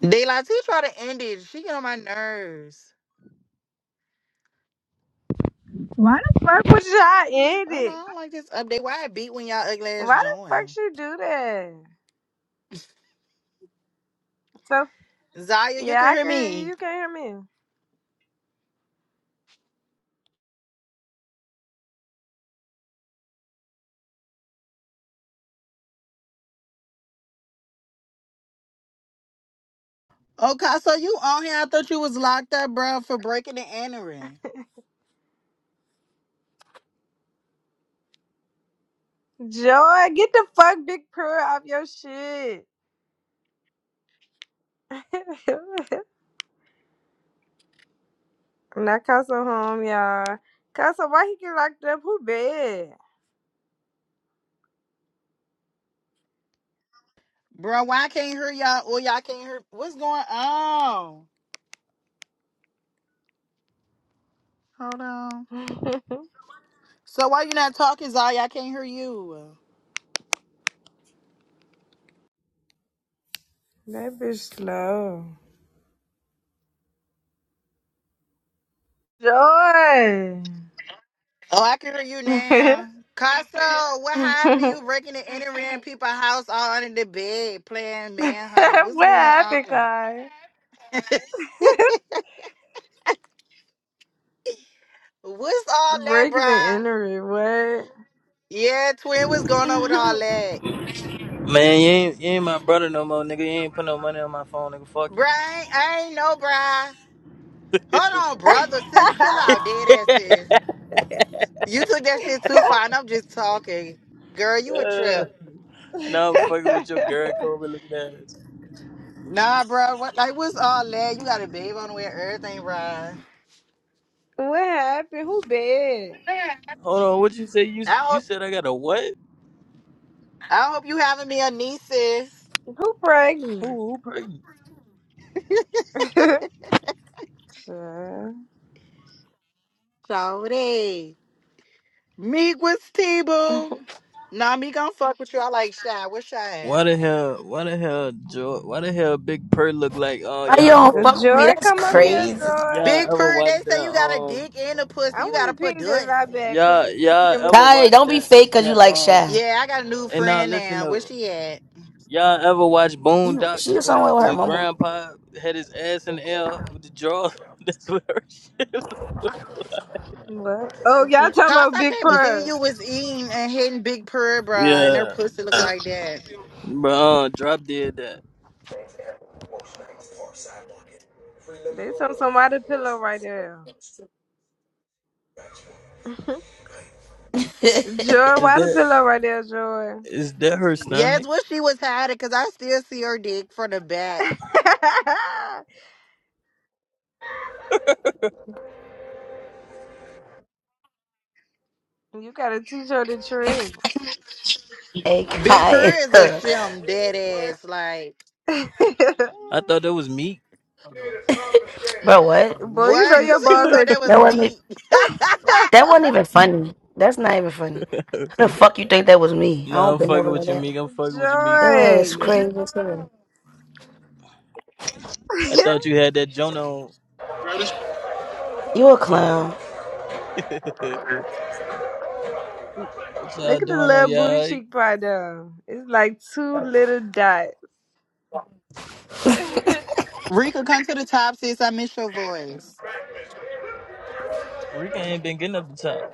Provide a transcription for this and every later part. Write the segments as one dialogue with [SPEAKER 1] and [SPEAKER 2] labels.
[SPEAKER 1] They like he try to end it. She get on my nerves.
[SPEAKER 2] Why the fuck would y'all end
[SPEAKER 1] Oh no,
[SPEAKER 2] it?
[SPEAKER 1] I don't like this update. Why I beat when y'all ugly ass
[SPEAKER 2] Why the fuck
[SPEAKER 1] join?
[SPEAKER 2] she do that? So
[SPEAKER 1] Zaya, you
[SPEAKER 2] yeah,
[SPEAKER 1] can
[SPEAKER 2] I
[SPEAKER 1] hear
[SPEAKER 2] can hear you.
[SPEAKER 1] me.
[SPEAKER 2] You can't hear me.
[SPEAKER 1] Okay, so you on here? I thought you was locked up, bro, for breaking and entering.
[SPEAKER 2] Joy, get the fuck big pearl off your shit. now Casa home, y'all. Casa, why he get locked up? Who bad?
[SPEAKER 1] Bro, why I can't hear y'all? Or y'all can't hear? What's going on? Hold on. So why you not talking, Zaya? I can't hear you.
[SPEAKER 2] that bitch slow. Joy.
[SPEAKER 1] Oh, I can hear you now. Casso, what happened?
[SPEAKER 2] what
[SPEAKER 1] You breaking and entering people's house all under the bed, playing manhunt. What's going on?
[SPEAKER 2] happened, Kai?
[SPEAKER 1] What's all that,
[SPEAKER 2] Breaking and
[SPEAKER 1] bruh?
[SPEAKER 2] entering.
[SPEAKER 1] Yeah, twin, what's going on with all
[SPEAKER 2] What?
[SPEAKER 1] that?
[SPEAKER 3] Man, you ain't, you ain't my brother no more, nigga. You ain't put no money on my phone, nigga. Fuck
[SPEAKER 1] Bruh,
[SPEAKER 3] you.
[SPEAKER 1] I ain't, I ain't know, bruh. Hold on, brother, sis, chill out, dead ass sis. You took that shit too far, and I'm just talking. Girl, you a
[SPEAKER 3] Uh,
[SPEAKER 1] trip.
[SPEAKER 3] now I'm fucking with your Gary Coleman looking ass.
[SPEAKER 1] Nah, bruh, what, like, what's all that? You got a babe on the way, everything, bruh.
[SPEAKER 2] what happened? Who bad?
[SPEAKER 3] Hold on, what you say? You s-
[SPEAKER 1] I
[SPEAKER 3] you
[SPEAKER 1] hope,
[SPEAKER 3] said I got a what?
[SPEAKER 1] I hope you having me a niece, sis.
[SPEAKER 2] Who pregnant?
[SPEAKER 3] Who who pregnant?
[SPEAKER 2] Sure.
[SPEAKER 1] Jody. Meek, what's T-Boo? Nah, me gonna fuck with you. I like Shy. What's Shy at?
[SPEAKER 3] Why the hell? Why the hell? Joy, why the hell? Big Purr look like? uh,
[SPEAKER 4] Why you
[SPEAKER 3] y'all
[SPEAKER 4] don't
[SPEAKER 3] ever?
[SPEAKER 2] Does
[SPEAKER 4] fuck with me?
[SPEAKER 2] Joy
[SPEAKER 4] That's
[SPEAKER 2] come up
[SPEAKER 3] Y'all
[SPEAKER 2] here,
[SPEAKER 4] crazy.
[SPEAKER 2] Joy?
[SPEAKER 3] y'all
[SPEAKER 1] Big
[SPEAKER 3] ever
[SPEAKER 1] Purr, they
[SPEAKER 3] watch
[SPEAKER 1] say
[SPEAKER 3] that?
[SPEAKER 1] you got a
[SPEAKER 3] Um,
[SPEAKER 1] dick and a
[SPEAKER 2] I
[SPEAKER 1] pussy. You got to
[SPEAKER 2] want to
[SPEAKER 1] put
[SPEAKER 2] ping the lie
[SPEAKER 1] pussy.
[SPEAKER 2] back because
[SPEAKER 3] y'all
[SPEAKER 2] this bitch
[SPEAKER 3] y'all
[SPEAKER 2] gonna me.
[SPEAKER 3] ever
[SPEAKER 4] Kai,
[SPEAKER 3] watch
[SPEAKER 4] don't be
[SPEAKER 3] that?
[SPEAKER 4] fake cause you
[SPEAKER 3] That
[SPEAKER 4] like
[SPEAKER 3] um?
[SPEAKER 4] Shy.
[SPEAKER 1] Yeah, I got a new
[SPEAKER 3] And now
[SPEAKER 1] friend
[SPEAKER 3] listen
[SPEAKER 1] now. Where
[SPEAKER 3] though.
[SPEAKER 1] she at?
[SPEAKER 3] Y'all ever watch
[SPEAKER 4] She, she
[SPEAKER 3] Boondocks
[SPEAKER 4] was
[SPEAKER 3] when
[SPEAKER 4] somewhere with her
[SPEAKER 3] when
[SPEAKER 4] mama.
[SPEAKER 3] Grandpa had his ass in the air with the draw? That's what her shit.
[SPEAKER 2] What? Oh, y'all talking
[SPEAKER 1] Cause
[SPEAKER 2] about
[SPEAKER 1] I
[SPEAKER 2] Big
[SPEAKER 1] can't believe
[SPEAKER 2] Purr.
[SPEAKER 1] you was eating and hitting Big Purr, bruh, and her
[SPEAKER 3] Yeah,
[SPEAKER 1] pussy look like that.
[SPEAKER 3] bro. Uh, Drop did that.
[SPEAKER 2] There's some, some why the pillow right there. Joy,
[SPEAKER 3] Is
[SPEAKER 2] why the
[SPEAKER 3] that
[SPEAKER 2] pillow right there, Joy?
[SPEAKER 3] is that her
[SPEAKER 1] Yes,
[SPEAKER 3] stomach?
[SPEAKER 1] what she was hiding, cause I still see her dick from the back.
[SPEAKER 2] you gotta teach her the trick.
[SPEAKER 4] hey
[SPEAKER 1] Big
[SPEAKER 4] Kai.
[SPEAKER 1] Purr is a shim, dead ass. Like,
[SPEAKER 3] I thought that was meat.
[SPEAKER 4] Bro, what?
[SPEAKER 2] Boy, you know
[SPEAKER 1] what?
[SPEAKER 3] no,
[SPEAKER 2] your
[SPEAKER 1] You said you
[SPEAKER 2] boss
[SPEAKER 1] thought
[SPEAKER 2] ain't
[SPEAKER 1] that
[SPEAKER 4] That
[SPEAKER 1] was
[SPEAKER 4] wasn't e,
[SPEAKER 1] me.
[SPEAKER 4] that wasn't even funny. That's not even funny. How the fuck you think that was me? I don't
[SPEAKER 3] I'm
[SPEAKER 4] been
[SPEAKER 3] fucking
[SPEAKER 4] over like
[SPEAKER 3] with you,
[SPEAKER 4] that.
[SPEAKER 3] meat. I'm fucking with you, meat.
[SPEAKER 4] It was
[SPEAKER 2] Joy.
[SPEAKER 4] crazy as hell.
[SPEAKER 3] I thought you had that Jonah. on.
[SPEAKER 4] You a clown.
[SPEAKER 3] what y'all
[SPEAKER 2] Look at the
[SPEAKER 3] doing though,
[SPEAKER 2] little
[SPEAKER 3] you
[SPEAKER 2] booty
[SPEAKER 3] alright?
[SPEAKER 2] cheek part down. It's like two little dots.
[SPEAKER 1] Rika, come to the top, sis. I miss your voice.
[SPEAKER 3] Rika ain't been getting up the top.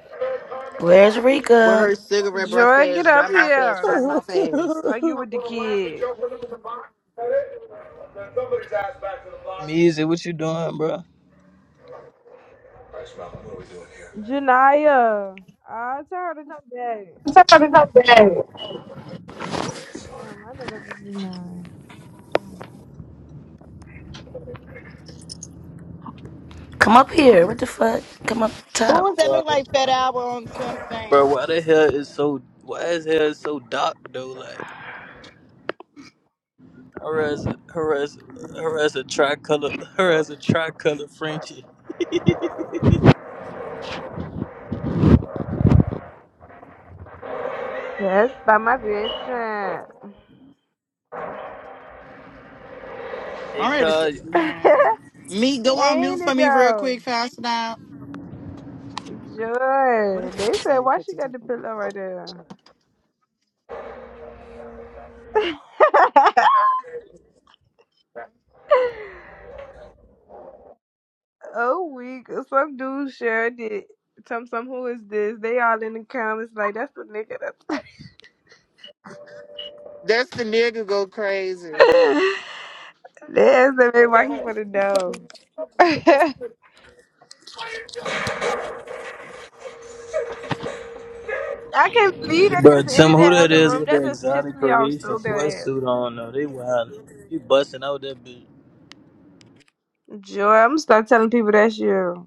[SPEAKER 4] Where's
[SPEAKER 1] With
[SPEAKER 4] Rika?
[SPEAKER 1] her cigarette breath
[SPEAKER 2] Joy, get
[SPEAKER 1] fast,
[SPEAKER 2] up
[SPEAKER 1] dry mouth fast,
[SPEAKER 2] here.
[SPEAKER 1] tight mouth fast.
[SPEAKER 2] Argue with the kid.
[SPEAKER 3] Measy, what you doing,
[SPEAKER 2] Janaya. I tell her to come back. Oh, that's them. I thought that was Janaya.
[SPEAKER 4] Come up here. What the fuck? Come up
[SPEAKER 1] Who
[SPEAKER 4] top.
[SPEAKER 1] is that look
[SPEAKER 3] bro?
[SPEAKER 1] like Fat Albert on Tim
[SPEAKER 3] Bro,
[SPEAKER 1] Thing?
[SPEAKER 3] why the hell is so why is hair so dark though? Like her as a, her as her as a tricolor her as a tricolor Frenchie.
[SPEAKER 2] That's by my bedtime.
[SPEAKER 3] Hey,
[SPEAKER 1] I'm ready
[SPEAKER 3] call
[SPEAKER 1] to man. Me, go on mute
[SPEAKER 2] Ain't
[SPEAKER 1] for
[SPEAKER 2] it
[SPEAKER 1] me real
[SPEAKER 2] though?
[SPEAKER 1] quick, fast now. What a
[SPEAKER 2] Joy. They
[SPEAKER 1] topic.
[SPEAKER 2] said,
[SPEAKER 1] Oh, you
[SPEAKER 2] why
[SPEAKER 1] put
[SPEAKER 2] she
[SPEAKER 1] this
[SPEAKER 2] got
[SPEAKER 1] on.
[SPEAKER 2] the pillow right there? oh, weak. Some dude shared it. Some, some, who is this? They all in the comments like, that's the nigga that's.
[SPEAKER 1] That's the nigga go crazy.
[SPEAKER 2] That's the man why he wanna know. I can't believe that
[SPEAKER 3] Bro,
[SPEAKER 2] just
[SPEAKER 3] tell me
[SPEAKER 2] ended
[SPEAKER 3] who
[SPEAKER 2] that
[SPEAKER 3] that
[SPEAKER 2] other
[SPEAKER 3] is
[SPEAKER 2] room.
[SPEAKER 3] with
[SPEAKER 2] That
[SPEAKER 3] the
[SPEAKER 2] just pissed
[SPEAKER 3] exotic
[SPEAKER 2] me off
[SPEAKER 3] creation
[SPEAKER 2] so bad.
[SPEAKER 3] sweatsuit on though. They wild. You busting out that bitch.
[SPEAKER 2] Joy, I'm gonna start telling people that's you.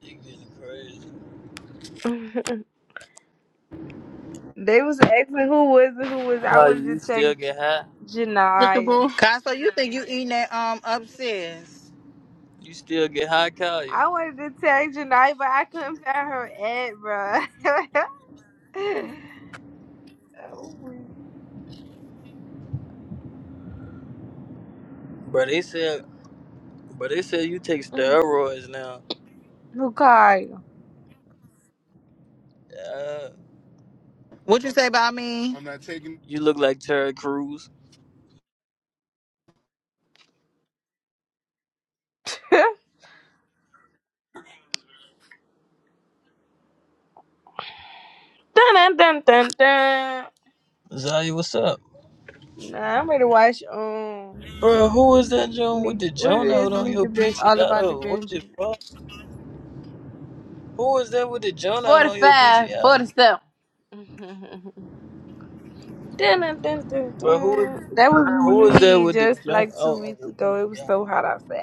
[SPEAKER 3] You getting crazy.
[SPEAKER 2] They was asking who was it, who was it. I
[SPEAKER 3] Kyle,
[SPEAKER 2] wanted to
[SPEAKER 3] you
[SPEAKER 2] tag
[SPEAKER 3] still get high?
[SPEAKER 2] Janaya.
[SPEAKER 1] Despicable. Cosmo, you think you eating that um upstairs?
[SPEAKER 3] You still get high, Kyle?
[SPEAKER 2] I wanted to tag Janaya, but I couldn't find her ad, bro. oh, weak.
[SPEAKER 3] Bro, they said bro, they said you take steroids now.
[SPEAKER 2] who called you?
[SPEAKER 3] Yeah.
[SPEAKER 1] What you say about me? I'm not taking.
[SPEAKER 3] You look like Terry Crews.
[SPEAKER 2] dun dun dun dun dun.
[SPEAKER 3] Zaya, what's up?
[SPEAKER 2] Nah, I'm ready to watch um
[SPEAKER 3] Bro, who is that Joan
[SPEAKER 2] meet
[SPEAKER 3] with the
[SPEAKER 2] what it
[SPEAKER 3] Joan
[SPEAKER 2] is
[SPEAKER 3] out on
[SPEAKER 2] meet
[SPEAKER 3] your
[SPEAKER 2] the Ben all
[SPEAKER 3] PTR?
[SPEAKER 2] about the
[SPEAKER 3] though? What the
[SPEAKER 2] Benjamins.
[SPEAKER 3] fuck? Who is that with the Joan out
[SPEAKER 2] Forty
[SPEAKER 3] on your
[SPEAKER 2] five, forty
[SPEAKER 3] PTR?
[SPEAKER 2] seven. Dun, dun, dun, dun,
[SPEAKER 3] Bro, who is
[SPEAKER 2] dun. That
[SPEAKER 3] who
[SPEAKER 2] was
[SPEAKER 3] is that
[SPEAKER 2] me
[SPEAKER 3] with the
[SPEAKER 2] just
[SPEAKER 3] Joan
[SPEAKER 2] like two
[SPEAKER 3] out on
[SPEAKER 2] weeks
[SPEAKER 3] your
[SPEAKER 2] ago. It was so hot outside.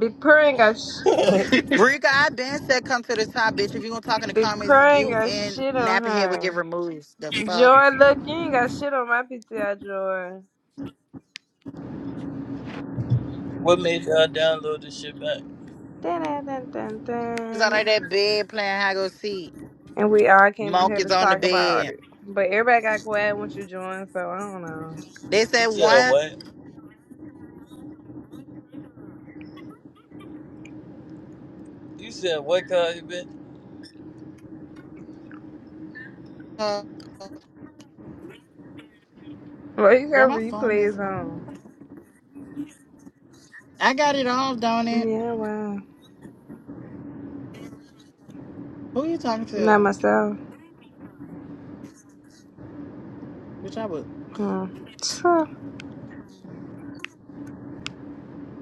[SPEAKER 2] Big Purr ain't got, sh-
[SPEAKER 3] PTR?
[SPEAKER 1] Rika, I been said come to the top, bitch. If you gonna talk in the
[SPEAKER 2] Big
[SPEAKER 1] comments,
[SPEAKER 2] Purr ain't
[SPEAKER 1] you
[SPEAKER 2] got
[SPEAKER 1] and
[SPEAKER 2] shit on
[SPEAKER 1] Nappy Head will
[SPEAKER 2] her.
[SPEAKER 1] get removed. The fuck?
[SPEAKER 2] Joy, look, you ain't got shit on my PTI, Joy.
[SPEAKER 3] what made y'all download this shit back?
[SPEAKER 2] Dun, dun, dun, dun,
[SPEAKER 1] He's under
[SPEAKER 2] dun.
[SPEAKER 1] that bed playing high go seek.
[SPEAKER 2] And we all came in
[SPEAKER 1] Monk
[SPEAKER 2] here to
[SPEAKER 1] is on the
[SPEAKER 2] talk about
[SPEAKER 1] bed.
[SPEAKER 2] it. But everybody got quiet once you joined, so I don't know.
[SPEAKER 1] They
[SPEAKER 3] You
[SPEAKER 1] said
[SPEAKER 3] said
[SPEAKER 1] one.
[SPEAKER 3] what? You said what, cause you bitch?
[SPEAKER 2] Well, you
[SPEAKER 1] Bro,
[SPEAKER 2] got
[SPEAKER 1] my phone
[SPEAKER 2] replays
[SPEAKER 1] messing up.
[SPEAKER 2] on.
[SPEAKER 1] I got it off, don't it?
[SPEAKER 2] Yeah, wow.
[SPEAKER 1] Who you talking
[SPEAKER 2] Not
[SPEAKER 1] to?
[SPEAKER 2] myself.
[SPEAKER 1] Bitch, I would.
[SPEAKER 2] Hmm. So,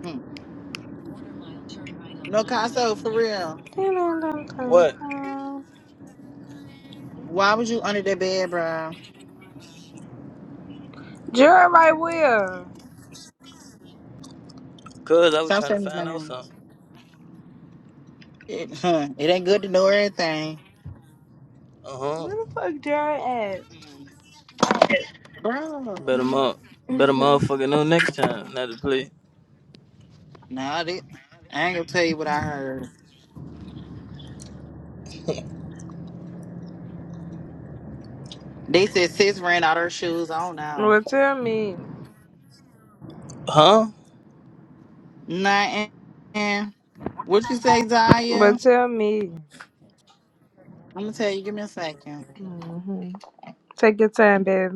[SPEAKER 1] Hmm. No, Caso, for real.
[SPEAKER 2] Jared
[SPEAKER 3] What?
[SPEAKER 1] Why was you under the bed, bro?
[SPEAKER 2] right where?
[SPEAKER 3] Cause I was
[SPEAKER 1] Stop
[SPEAKER 3] trying to
[SPEAKER 1] saying his
[SPEAKER 3] find out
[SPEAKER 1] name.
[SPEAKER 3] something.
[SPEAKER 1] It, huh, it ain't good to know everything.
[SPEAKER 3] Uh huh.
[SPEAKER 2] Where the fuck Jared
[SPEAKER 1] Mm. Bro.
[SPEAKER 2] at?
[SPEAKER 3] Better mo, better motherfucker know next time not to play.
[SPEAKER 1] Nah, they, I ain't gonna tell you what I heard. They said sis ran out her shoes. I don't know.
[SPEAKER 2] well, tell me.
[SPEAKER 3] Huh?
[SPEAKER 1] Nah, and, and what you say, Zaya?
[SPEAKER 2] Well,
[SPEAKER 1] I'm
[SPEAKER 2] tell me.
[SPEAKER 1] gonna tell you. Give me a second.
[SPEAKER 2] hmm Take your time, baby.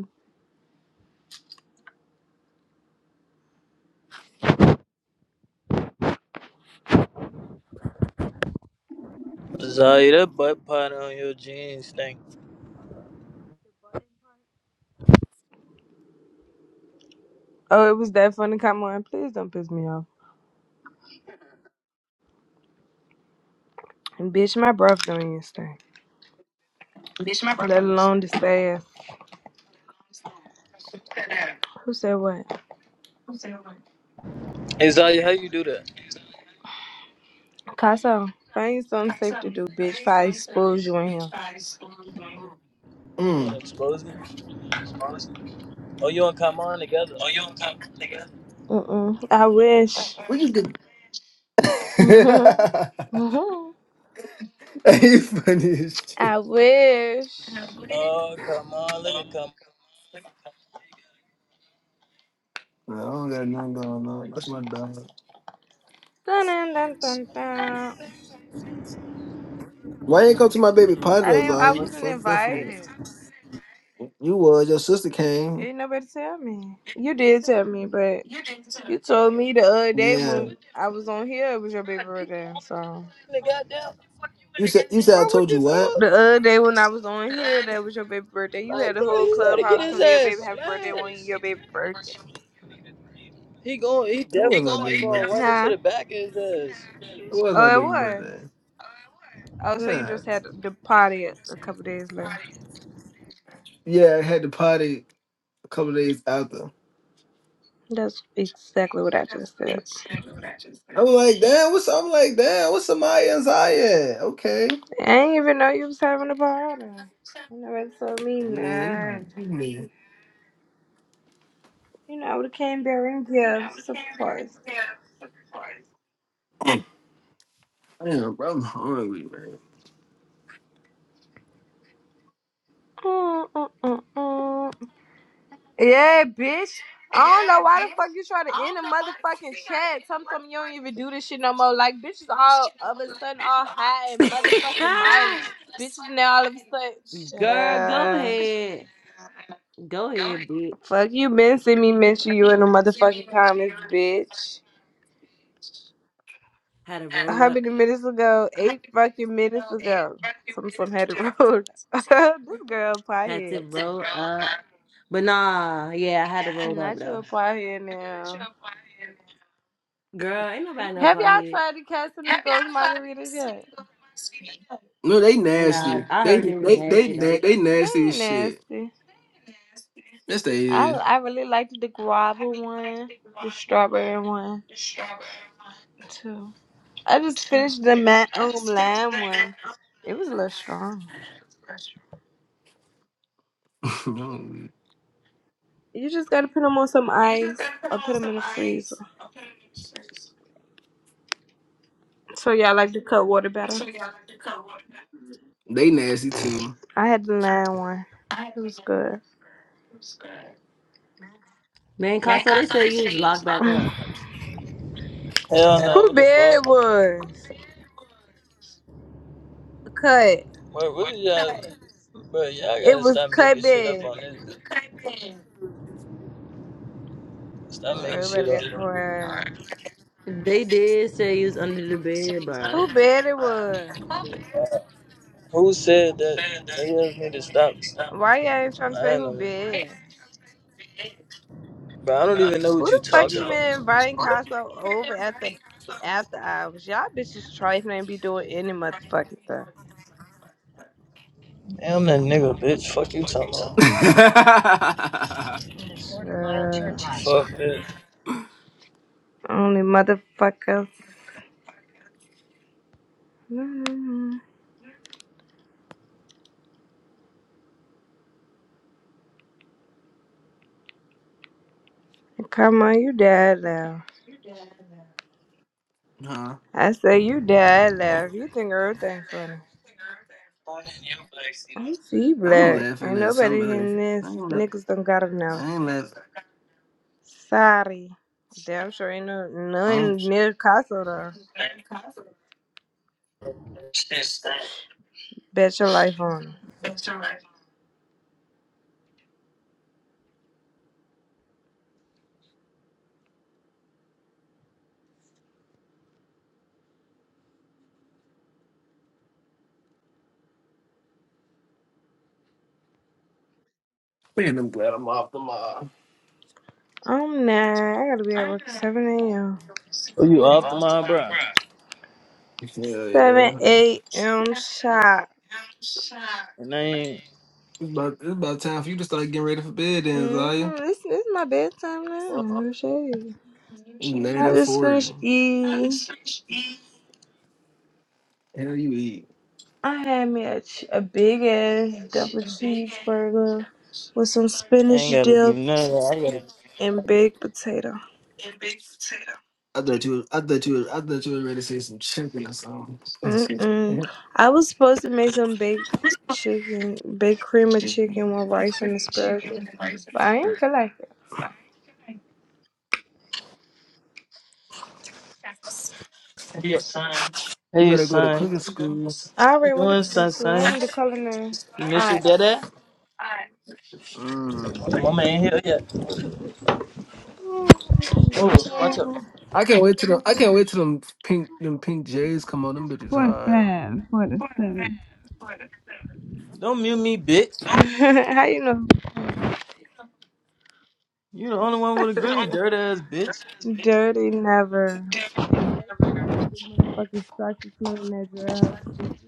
[SPEAKER 3] Zaya, that butt pot on your jeans thing.
[SPEAKER 2] Oh, it was that funny. Come on, please don't piss me off. And bitch, my breath doing this thing. Let alone the staff. Who said what?
[SPEAKER 3] Hey Zaya, how you do that?
[SPEAKER 2] Casso, find you something safe to do, bitch. If I expose you in here.
[SPEAKER 3] You gonna
[SPEAKER 5] Mm.
[SPEAKER 3] expose me? Oh, you and Kamon together?
[SPEAKER 2] Mm-mm. I wish.
[SPEAKER 5] What you do? you funny as shit.
[SPEAKER 2] I wish.
[SPEAKER 3] Oh, come on, look at Kamon.
[SPEAKER 5] Nah, I don't got nothing going on. That's my dog.
[SPEAKER 2] Dun, dun, dun, dun, dun.
[SPEAKER 5] Why you ain't come to my baby party
[SPEAKER 2] I
[SPEAKER 5] though,
[SPEAKER 2] didn't.
[SPEAKER 5] Zah?
[SPEAKER 2] I
[SPEAKER 5] You
[SPEAKER 2] wasn't
[SPEAKER 5] fucked up for me.
[SPEAKER 2] invited.
[SPEAKER 5] You was your sister came.
[SPEAKER 2] Ain't nobody tell me. You did tell me, but you told me the other day
[SPEAKER 5] Yeah.
[SPEAKER 2] when I was on here, it was your baby birthday. So
[SPEAKER 3] The goddamn
[SPEAKER 5] You said you said I
[SPEAKER 3] bro, what
[SPEAKER 5] told you
[SPEAKER 3] the
[SPEAKER 5] what?
[SPEAKER 2] the
[SPEAKER 3] fuck?
[SPEAKER 2] other day when I was on here, that was your baby birthday. You had
[SPEAKER 3] Like,
[SPEAKER 2] the
[SPEAKER 3] bro,
[SPEAKER 2] whole
[SPEAKER 3] he ready to get
[SPEAKER 2] clubhouse
[SPEAKER 3] his
[SPEAKER 2] telling your
[SPEAKER 3] ass
[SPEAKER 2] baby happy birthday on your
[SPEAKER 3] smashed.
[SPEAKER 2] baby birthday,
[SPEAKER 3] He going, he
[SPEAKER 5] That
[SPEAKER 3] deaf.
[SPEAKER 5] was my
[SPEAKER 3] Somebody
[SPEAKER 5] baby
[SPEAKER 3] going to
[SPEAKER 5] birthday.
[SPEAKER 3] run into
[SPEAKER 2] huh?
[SPEAKER 3] the back of his ass.
[SPEAKER 5] That was my
[SPEAKER 2] Oh, it
[SPEAKER 5] baby
[SPEAKER 2] was.
[SPEAKER 5] birthday.
[SPEAKER 2] Oh, so you
[SPEAKER 5] Yeah.
[SPEAKER 2] just had the party a a couple days later.
[SPEAKER 5] Yeah, I had the party a couple days after.
[SPEAKER 2] That's exactly what I just said.
[SPEAKER 5] I'm like, damn, what's I'm like, damn, what's Amaya and Zaya? at? Okay.
[SPEAKER 2] I didn't even know you was having a party. Nobody told me
[SPEAKER 5] Man, you-
[SPEAKER 2] nah.
[SPEAKER 5] you mean-
[SPEAKER 2] You know, they came bearing gifts, of course.
[SPEAKER 5] damn, bro, I'm hungry, man.
[SPEAKER 2] Mm, mm, mm, mm. Yeah, bitch. I don't know why the fuck you try to end a motherfucking chat. Sometimes you don't even do this shit no more. Like bitches all of a sudden all high and motherfucking mighty. Bitches now all of a
[SPEAKER 6] Girl, go
[SPEAKER 2] sudden. Shit.
[SPEAKER 6] ahead. Go ahead, bitch.
[SPEAKER 2] Fuck you, been see me mention you in the motherfucking comments, bitch.
[SPEAKER 6] Had to roll
[SPEAKER 2] How
[SPEAKER 6] up.
[SPEAKER 2] many minutes ago? Eight fucking minutes ago. Some some had to roll. this girl
[SPEAKER 6] Had
[SPEAKER 2] pie
[SPEAKER 6] to roll up. But nah, yeah, I had to roll up
[SPEAKER 2] Not you
[SPEAKER 6] though.
[SPEAKER 2] up out here now.
[SPEAKER 6] Girl, ain't nobody know
[SPEAKER 2] Have
[SPEAKER 6] about
[SPEAKER 2] y'all
[SPEAKER 6] here.
[SPEAKER 2] tried the Casamigos margaritas yet?
[SPEAKER 5] No, they
[SPEAKER 6] Nah,
[SPEAKER 5] nasty.
[SPEAKER 6] I
[SPEAKER 5] They
[SPEAKER 6] heard they was
[SPEAKER 5] they
[SPEAKER 6] nasty
[SPEAKER 5] they
[SPEAKER 6] though.
[SPEAKER 5] na- they
[SPEAKER 2] They
[SPEAKER 5] nasty as
[SPEAKER 2] ain't
[SPEAKER 5] shit.
[SPEAKER 2] nasty.
[SPEAKER 5] Yes, they
[SPEAKER 2] I
[SPEAKER 5] is.
[SPEAKER 2] I really liked the guava one, the strawberry one too. I just finished the mat um, lime one. It was a little strong. You just gotta put them on some ice or put them in the freezer. So y'all like the cut water better?
[SPEAKER 5] they nasty too.
[SPEAKER 2] I had the lime one. It was good.
[SPEAKER 6] Man, Costco, they said you was locked back up.
[SPEAKER 3] Hell no,
[SPEAKER 2] Who
[SPEAKER 3] what the fuck?
[SPEAKER 2] bed was cut?
[SPEAKER 3] Wait, what did y'all? Bro, y'all
[SPEAKER 2] It
[SPEAKER 3] gotta
[SPEAKER 2] was
[SPEAKER 3] stop
[SPEAKER 2] cut
[SPEAKER 3] making shit up
[SPEAKER 2] bed.
[SPEAKER 3] on this. Stop
[SPEAKER 2] Oh,
[SPEAKER 3] making shit
[SPEAKER 2] everybody
[SPEAKER 3] up.
[SPEAKER 2] got quiet.
[SPEAKER 6] They did say you was under the bed, bro.
[SPEAKER 2] Who bad it was?
[SPEAKER 3] Who said that? They just need to stop
[SPEAKER 2] Why y'all ain't trying to say
[SPEAKER 3] lying
[SPEAKER 2] who
[SPEAKER 3] to me.
[SPEAKER 2] bad?
[SPEAKER 3] Bro, I don't even know
[SPEAKER 2] Who
[SPEAKER 3] what you
[SPEAKER 2] the fuck
[SPEAKER 3] talking
[SPEAKER 2] even
[SPEAKER 3] about.
[SPEAKER 2] inviting Casso over at the after hours? Y'all bitches trifling and be doing any motherfucking thing.
[SPEAKER 3] Damn that nigga,
[SPEAKER 5] huh?
[SPEAKER 3] bitch. Fuck you talking
[SPEAKER 2] Sure.
[SPEAKER 3] about. Fuck this.
[SPEAKER 2] Only motherfuckers. Mm. Come on, you dead now. I say you dead now. You think everything funny. I'm see
[SPEAKER 5] I'm
[SPEAKER 2] black.
[SPEAKER 5] laughing
[SPEAKER 2] Ain't
[SPEAKER 5] at
[SPEAKER 2] nobody
[SPEAKER 5] something else.
[SPEAKER 2] in
[SPEAKER 5] I
[SPEAKER 2] this.
[SPEAKER 5] ain't, la-
[SPEAKER 2] Niggas don't got enough.
[SPEAKER 5] I ain't laughing.
[SPEAKER 2] Sorry. Damn sure ain't no
[SPEAKER 5] I'm,
[SPEAKER 2] none near Casso though. Bet your life on. it.
[SPEAKER 5] man, I'm glad I'm off the mob.
[SPEAKER 2] I'm not. I gotta be at work at 7 a.m.
[SPEAKER 3] Oh, you off the mind, bro?
[SPEAKER 5] Hell
[SPEAKER 2] 7
[SPEAKER 5] yeah. It's
[SPEAKER 2] a.m. shot.
[SPEAKER 3] And I ain't,
[SPEAKER 5] about, it's about time for you to start getting ready for bed then,
[SPEAKER 2] Mm-hmm. It's, it's my bedtime now.
[SPEAKER 3] well,
[SPEAKER 2] No shade.
[SPEAKER 5] Eat
[SPEAKER 2] I
[SPEAKER 5] nine
[SPEAKER 2] just
[SPEAKER 5] forty.
[SPEAKER 2] finished eating.
[SPEAKER 5] Hell, you eat.
[SPEAKER 2] I had me a, ch- a big ass double cheeseburger with some
[SPEAKER 3] I
[SPEAKER 2] spinach
[SPEAKER 3] ain't gotta do
[SPEAKER 2] dip
[SPEAKER 3] none of that. I gotta,
[SPEAKER 2] and
[SPEAKER 3] I gotta.
[SPEAKER 2] baked potato.
[SPEAKER 5] I thought you. Was, I thought you. Was, I thought you was ready to say some chicken or something.
[SPEAKER 2] Mm-mm. I was supposed to make some baked chicken, baked cream of chicken with rice and asparagus, but I didn't feel like.
[SPEAKER 5] You
[SPEAKER 3] Hey,
[SPEAKER 5] better go to
[SPEAKER 3] son, what
[SPEAKER 5] cooking school.
[SPEAKER 2] I
[SPEAKER 3] you
[SPEAKER 2] already went to
[SPEAKER 3] doing,
[SPEAKER 2] culinary
[SPEAKER 3] son,
[SPEAKER 2] school. I
[SPEAKER 3] son?
[SPEAKER 2] went to culinary
[SPEAKER 3] You miss your dad?
[SPEAKER 2] arts.
[SPEAKER 5] Mm.
[SPEAKER 3] Your mama ain't here yet. Oh, watch out!
[SPEAKER 5] I can't wait till them. I can't wait till them pink. Them pink J's come on. Them bitches
[SPEAKER 2] Forty
[SPEAKER 5] hard.
[SPEAKER 2] five, forty seven.
[SPEAKER 3] Don't mute me, bitch.
[SPEAKER 2] How you know?
[SPEAKER 3] You the only one with a green dirt ass bitch.
[SPEAKER 2] Dirty never. Motherfucking sucky smelling that girl.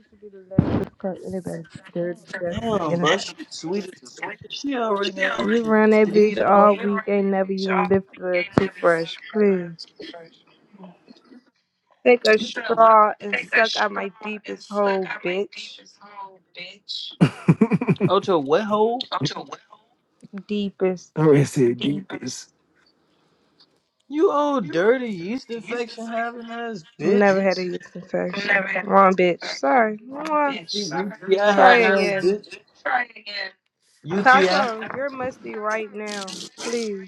[SPEAKER 2] She be the last to call anybody dirty, dusty,
[SPEAKER 3] Damn, bro,
[SPEAKER 2] anything.
[SPEAKER 3] she sweet as a bitch. She already got
[SPEAKER 2] You
[SPEAKER 3] you
[SPEAKER 2] run that
[SPEAKER 3] laid
[SPEAKER 2] bitch
[SPEAKER 3] on
[SPEAKER 2] all week, ain't never even lifted a toothbrush, please. Take a straw and suck out my deepest hole, bitch.
[SPEAKER 3] out your wet hole.
[SPEAKER 5] I
[SPEAKER 2] Deepest.
[SPEAKER 5] already said get this.
[SPEAKER 3] You old dirty yeast infection having ass
[SPEAKER 2] Never
[SPEAKER 3] bitch.
[SPEAKER 2] had a yeast infection. Wrong bitch. Sorry. Mwah.
[SPEAKER 3] UTI
[SPEAKER 2] Try
[SPEAKER 3] having ass
[SPEAKER 2] again.
[SPEAKER 3] bitch. UTI.
[SPEAKER 2] Casso, you're musty right now. Please.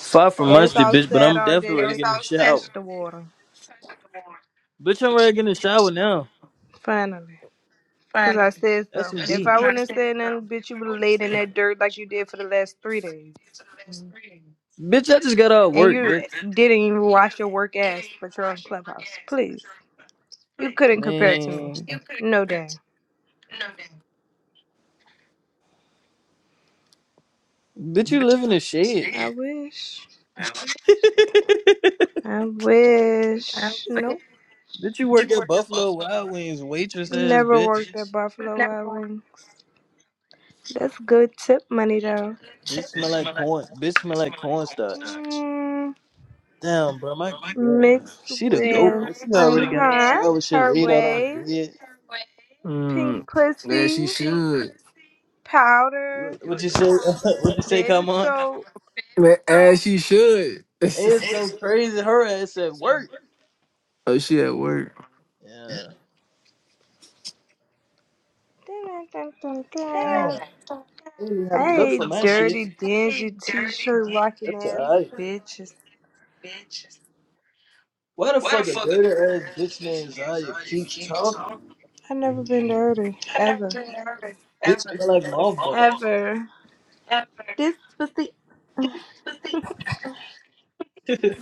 [SPEAKER 3] Far from
[SPEAKER 2] It's
[SPEAKER 3] musty,
[SPEAKER 2] all
[SPEAKER 3] bitch, but
[SPEAKER 2] sad
[SPEAKER 3] I'm
[SPEAKER 2] all day.
[SPEAKER 3] definitely ready
[SPEAKER 2] Don't
[SPEAKER 3] to get in
[SPEAKER 2] even
[SPEAKER 3] the shower.
[SPEAKER 2] touch the water.
[SPEAKER 3] Bitch, I'm ready to get in the shower now.
[SPEAKER 2] Finally. Because I said
[SPEAKER 3] That's
[SPEAKER 2] so.
[SPEAKER 3] some
[SPEAKER 2] If
[SPEAKER 3] D.
[SPEAKER 2] I wouldn't have said nothing, bitch, you would have laid in that dirt like you did for the last three days.
[SPEAKER 3] Bitch, I just got out of
[SPEAKER 2] And
[SPEAKER 3] work,
[SPEAKER 2] you
[SPEAKER 3] bitch.
[SPEAKER 2] didn't even wash your work ass, but you're on Clubhouse. Please. You couldn't compare to me.
[SPEAKER 3] Man.
[SPEAKER 2] No, damn.
[SPEAKER 3] Bitch, you live in a shed.
[SPEAKER 2] I wish. I wish. No.
[SPEAKER 3] bitch, you work at Buffalo Wild Wings, waitress ass,
[SPEAKER 2] Never
[SPEAKER 3] bitch.
[SPEAKER 2] worked at Buffalo Wild Wings. That's good tip money though.
[SPEAKER 3] Bitch smell like corn. Bitch smell like cornstarch.
[SPEAKER 2] Mm,
[SPEAKER 3] Damn, bro, my girl.
[SPEAKER 2] mixed
[SPEAKER 3] She the goat,
[SPEAKER 2] with
[SPEAKER 3] bro. She
[SPEAKER 2] I'm
[SPEAKER 3] already got my
[SPEAKER 2] her,
[SPEAKER 3] shower shit
[SPEAKER 2] her
[SPEAKER 3] laid out on the
[SPEAKER 2] way,
[SPEAKER 3] bed.
[SPEAKER 2] pink
[SPEAKER 5] Mm. Yeah,
[SPEAKER 2] pussy,
[SPEAKER 5] she should.
[SPEAKER 2] powder,
[SPEAKER 3] You- What you say? what you say?
[SPEAKER 2] baby
[SPEAKER 3] Come on.
[SPEAKER 2] soap.
[SPEAKER 5] Man, as she should.
[SPEAKER 3] It's so crazy. Her ass at work.
[SPEAKER 5] oh, she at work.
[SPEAKER 3] Yeah.
[SPEAKER 2] Dun, dun, dun, dun,
[SPEAKER 3] Damn.
[SPEAKER 2] dun.
[SPEAKER 3] I didn't even have to
[SPEAKER 2] I
[SPEAKER 3] look for
[SPEAKER 2] hate
[SPEAKER 3] my
[SPEAKER 2] dirty,
[SPEAKER 3] shit.
[SPEAKER 2] dingy t-shirt rocking
[SPEAKER 3] That's
[SPEAKER 2] ass
[SPEAKER 3] alright.
[SPEAKER 2] bitches.
[SPEAKER 3] Why the fuck a dirty ass bitch named Zaya keep talking?
[SPEAKER 2] I never been dirty ever,
[SPEAKER 3] Bitch smell like mothballs.
[SPEAKER 2] ever. This pussy.
[SPEAKER 3] you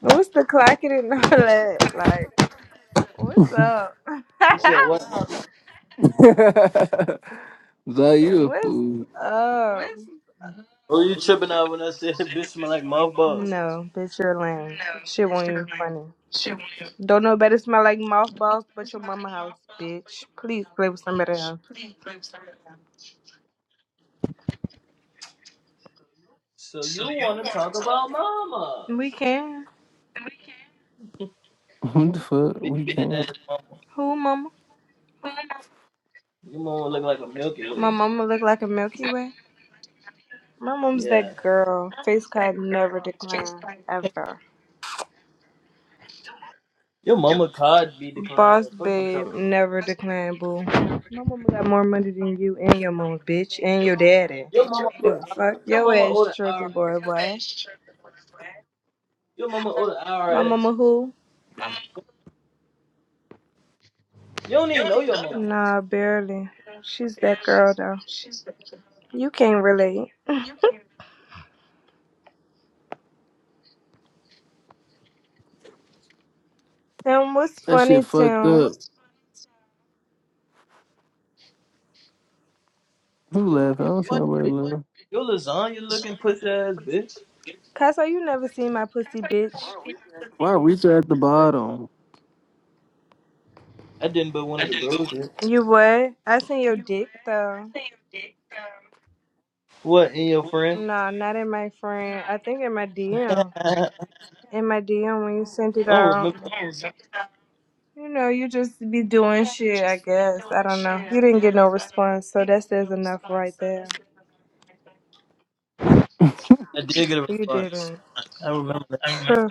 [SPEAKER 2] what's the clocking and all that? Like, what's up?
[SPEAKER 3] said what?
[SPEAKER 5] Zai, you a
[SPEAKER 2] What's
[SPEAKER 5] fool.
[SPEAKER 2] up?
[SPEAKER 3] Oh, you tripping out when I said bitch smell like mothballs?
[SPEAKER 2] No, bitch, you're lame. Shit won't even funny. Don't know better smell like mothballs but your mama house, bitch. Please play with somebody else.
[SPEAKER 3] So you want to talk about mamas?
[SPEAKER 2] We can.
[SPEAKER 5] What the fuck?
[SPEAKER 3] Your Big
[SPEAKER 5] We
[SPEAKER 3] fat
[SPEAKER 5] can't.
[SPEAKER 3] ass mama.
[SPEAKER 2] Who, mama?
[SPEAKER 3] Your mama look like a Milky
[SPEAKER 2] My
[SPEAKER 3] Way.
[SPEAKER 2] mama look like a Milky Way. My mom's
[SPEAKER 3] Yeah.
[SPEAKER 2] that girl. Face card never declined. Ever.
[SPEAKER 3] Your mama card be declining.
[SPEAKER 2] Boss
[SPEAKER 3] Fuck you talking
[SPEAKER 2] babe
[SPEAKER 3] about.
[SPEAKER 2] never declined, boo. My mama got more money than you and your mama, bitch. And your daddy.
[SPEAKER 3] Your mama order.
[SPEAKER 2] The fuck?
[SPEAKER 3] Your
[SPEAKER 2] Your
[SPEAKER 3] mama
[SPEAKER 2] ass
[SPEAKER 3] order IRS.
[SPEAKER 2] tripping, boy, boy.
[SPEAKER 3] Your mama order
[SPEAKER 2] My
[SPEAKER 3] IRS.
[SPEAKER 2] mama who?
[SPEAKER 3] You don't even know your mama.
[SPEAKER 2] Nah, barely. She's that girl though. You can't relate. Tim, what's
[SPEAKER 5] That shit
[SPEAKER 2] funny,
[SPEAKER 5] fucked
[SPEAKER 2] Tim?
[SPEAKER 5] up. Who
[SPEAKER 3] You
[SPEAKER 5] laughing?
[SPEAKER 3] you
[SPEAKER 5] I don't see nobody
[SPEAKER 3] funny
[SPEAKER 5] laughing.
[SPEAKER 3] Your lasagna looking pussy ass bitch.
[SPEAKER 2] Casso, you never seen my pussy, bitch.
[SPEAKER 5] Why Reacher at the bottom?
[SPEAKER 3] I didn't, but one of the bros did.
[SPEAKER 2] You what? I seen your dick though.
[SPEAKER 3] What, and your friend?
[SPEAKER 2] Nah, not in my friend. I think in my DM.
[SPEAKER 3] I
[SPEAKER 2] In my DM when you sent it
[SPEAKER 3] don't
[SPEAKER 2] out.
[SPEAKER 3] remember.
[SPEAKER 2] You know, you just be doing shit, I guess. I don't know. You didn't get no response, so that says enough right there.
[SPEAKER 3] I did get a
[SPEAKER 2] You
[SPEAKER 3] response.
[SPEAKER 2] didn't.
[SPEAKER 3] I remember that.
[SPEAKER 2] Phew.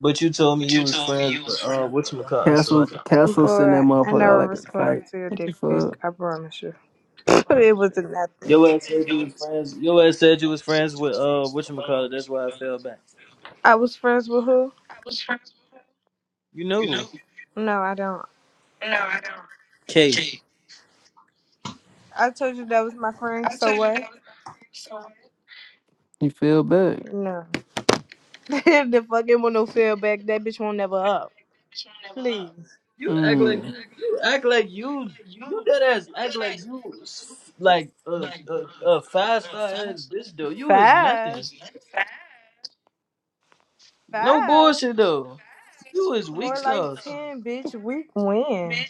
[SPEAKER 3] But you told me you was friends with, uh, whatchamacallit, so I
[SPEAKER 5] Castle,
[SPEAKER 3] don't
[SPEAKER 5] Castle
[SPEAKER 3] remember.
[SPEAKER 5] send that
[SPEAKER 2] Boy, I
[SPEAKER 5] motherfucker out
[SPEAKER 2] never
[SPEAKER 5] like a
[SPEAKER 2] responded
[SPEAKER 5] kite.
[SPEAKER 2] to your
[SPEAKER 5] What
[SPEAKER 2] dick
[SPEAKER 5] the fuck?
[SPEAKER 2] pic. I promise you. it was nothing.
[SPEAKER 3] Your ass said you was friends. Your ass said you was friends with, uh, whatchamacallit. That's why I fell back.
[SPEAKER 2] I was friends with who?
[SPEAKER 3] You know who?
[SPEAKER 2] No, I don't.
[SPEAKER 3] K.
[SPEAKER 2] I told you that was my friend, so what?
[SPEAKER 5] You fell back.
[SPEAKER 2] No. the fucking one no feel back, that bitch won't never up. Please.
[SPEAKER 3] You act like
[SPEAKER 5] Mm.
[SPEAKER 3] you, you act like you, you dead ass act like you, was like, a, a, a five star ass bitch, though. You is
[SPEAKER 2] Five?
[SPEAKER 3] nothing. No
[SPEAKER 2] Five?
[SPEAKER 3] bullshit, though. You is weak
[SPEAKER 2] More like
[SPEAKER 3] sauce,
[SPEAKER 2] ten, bitch. We win.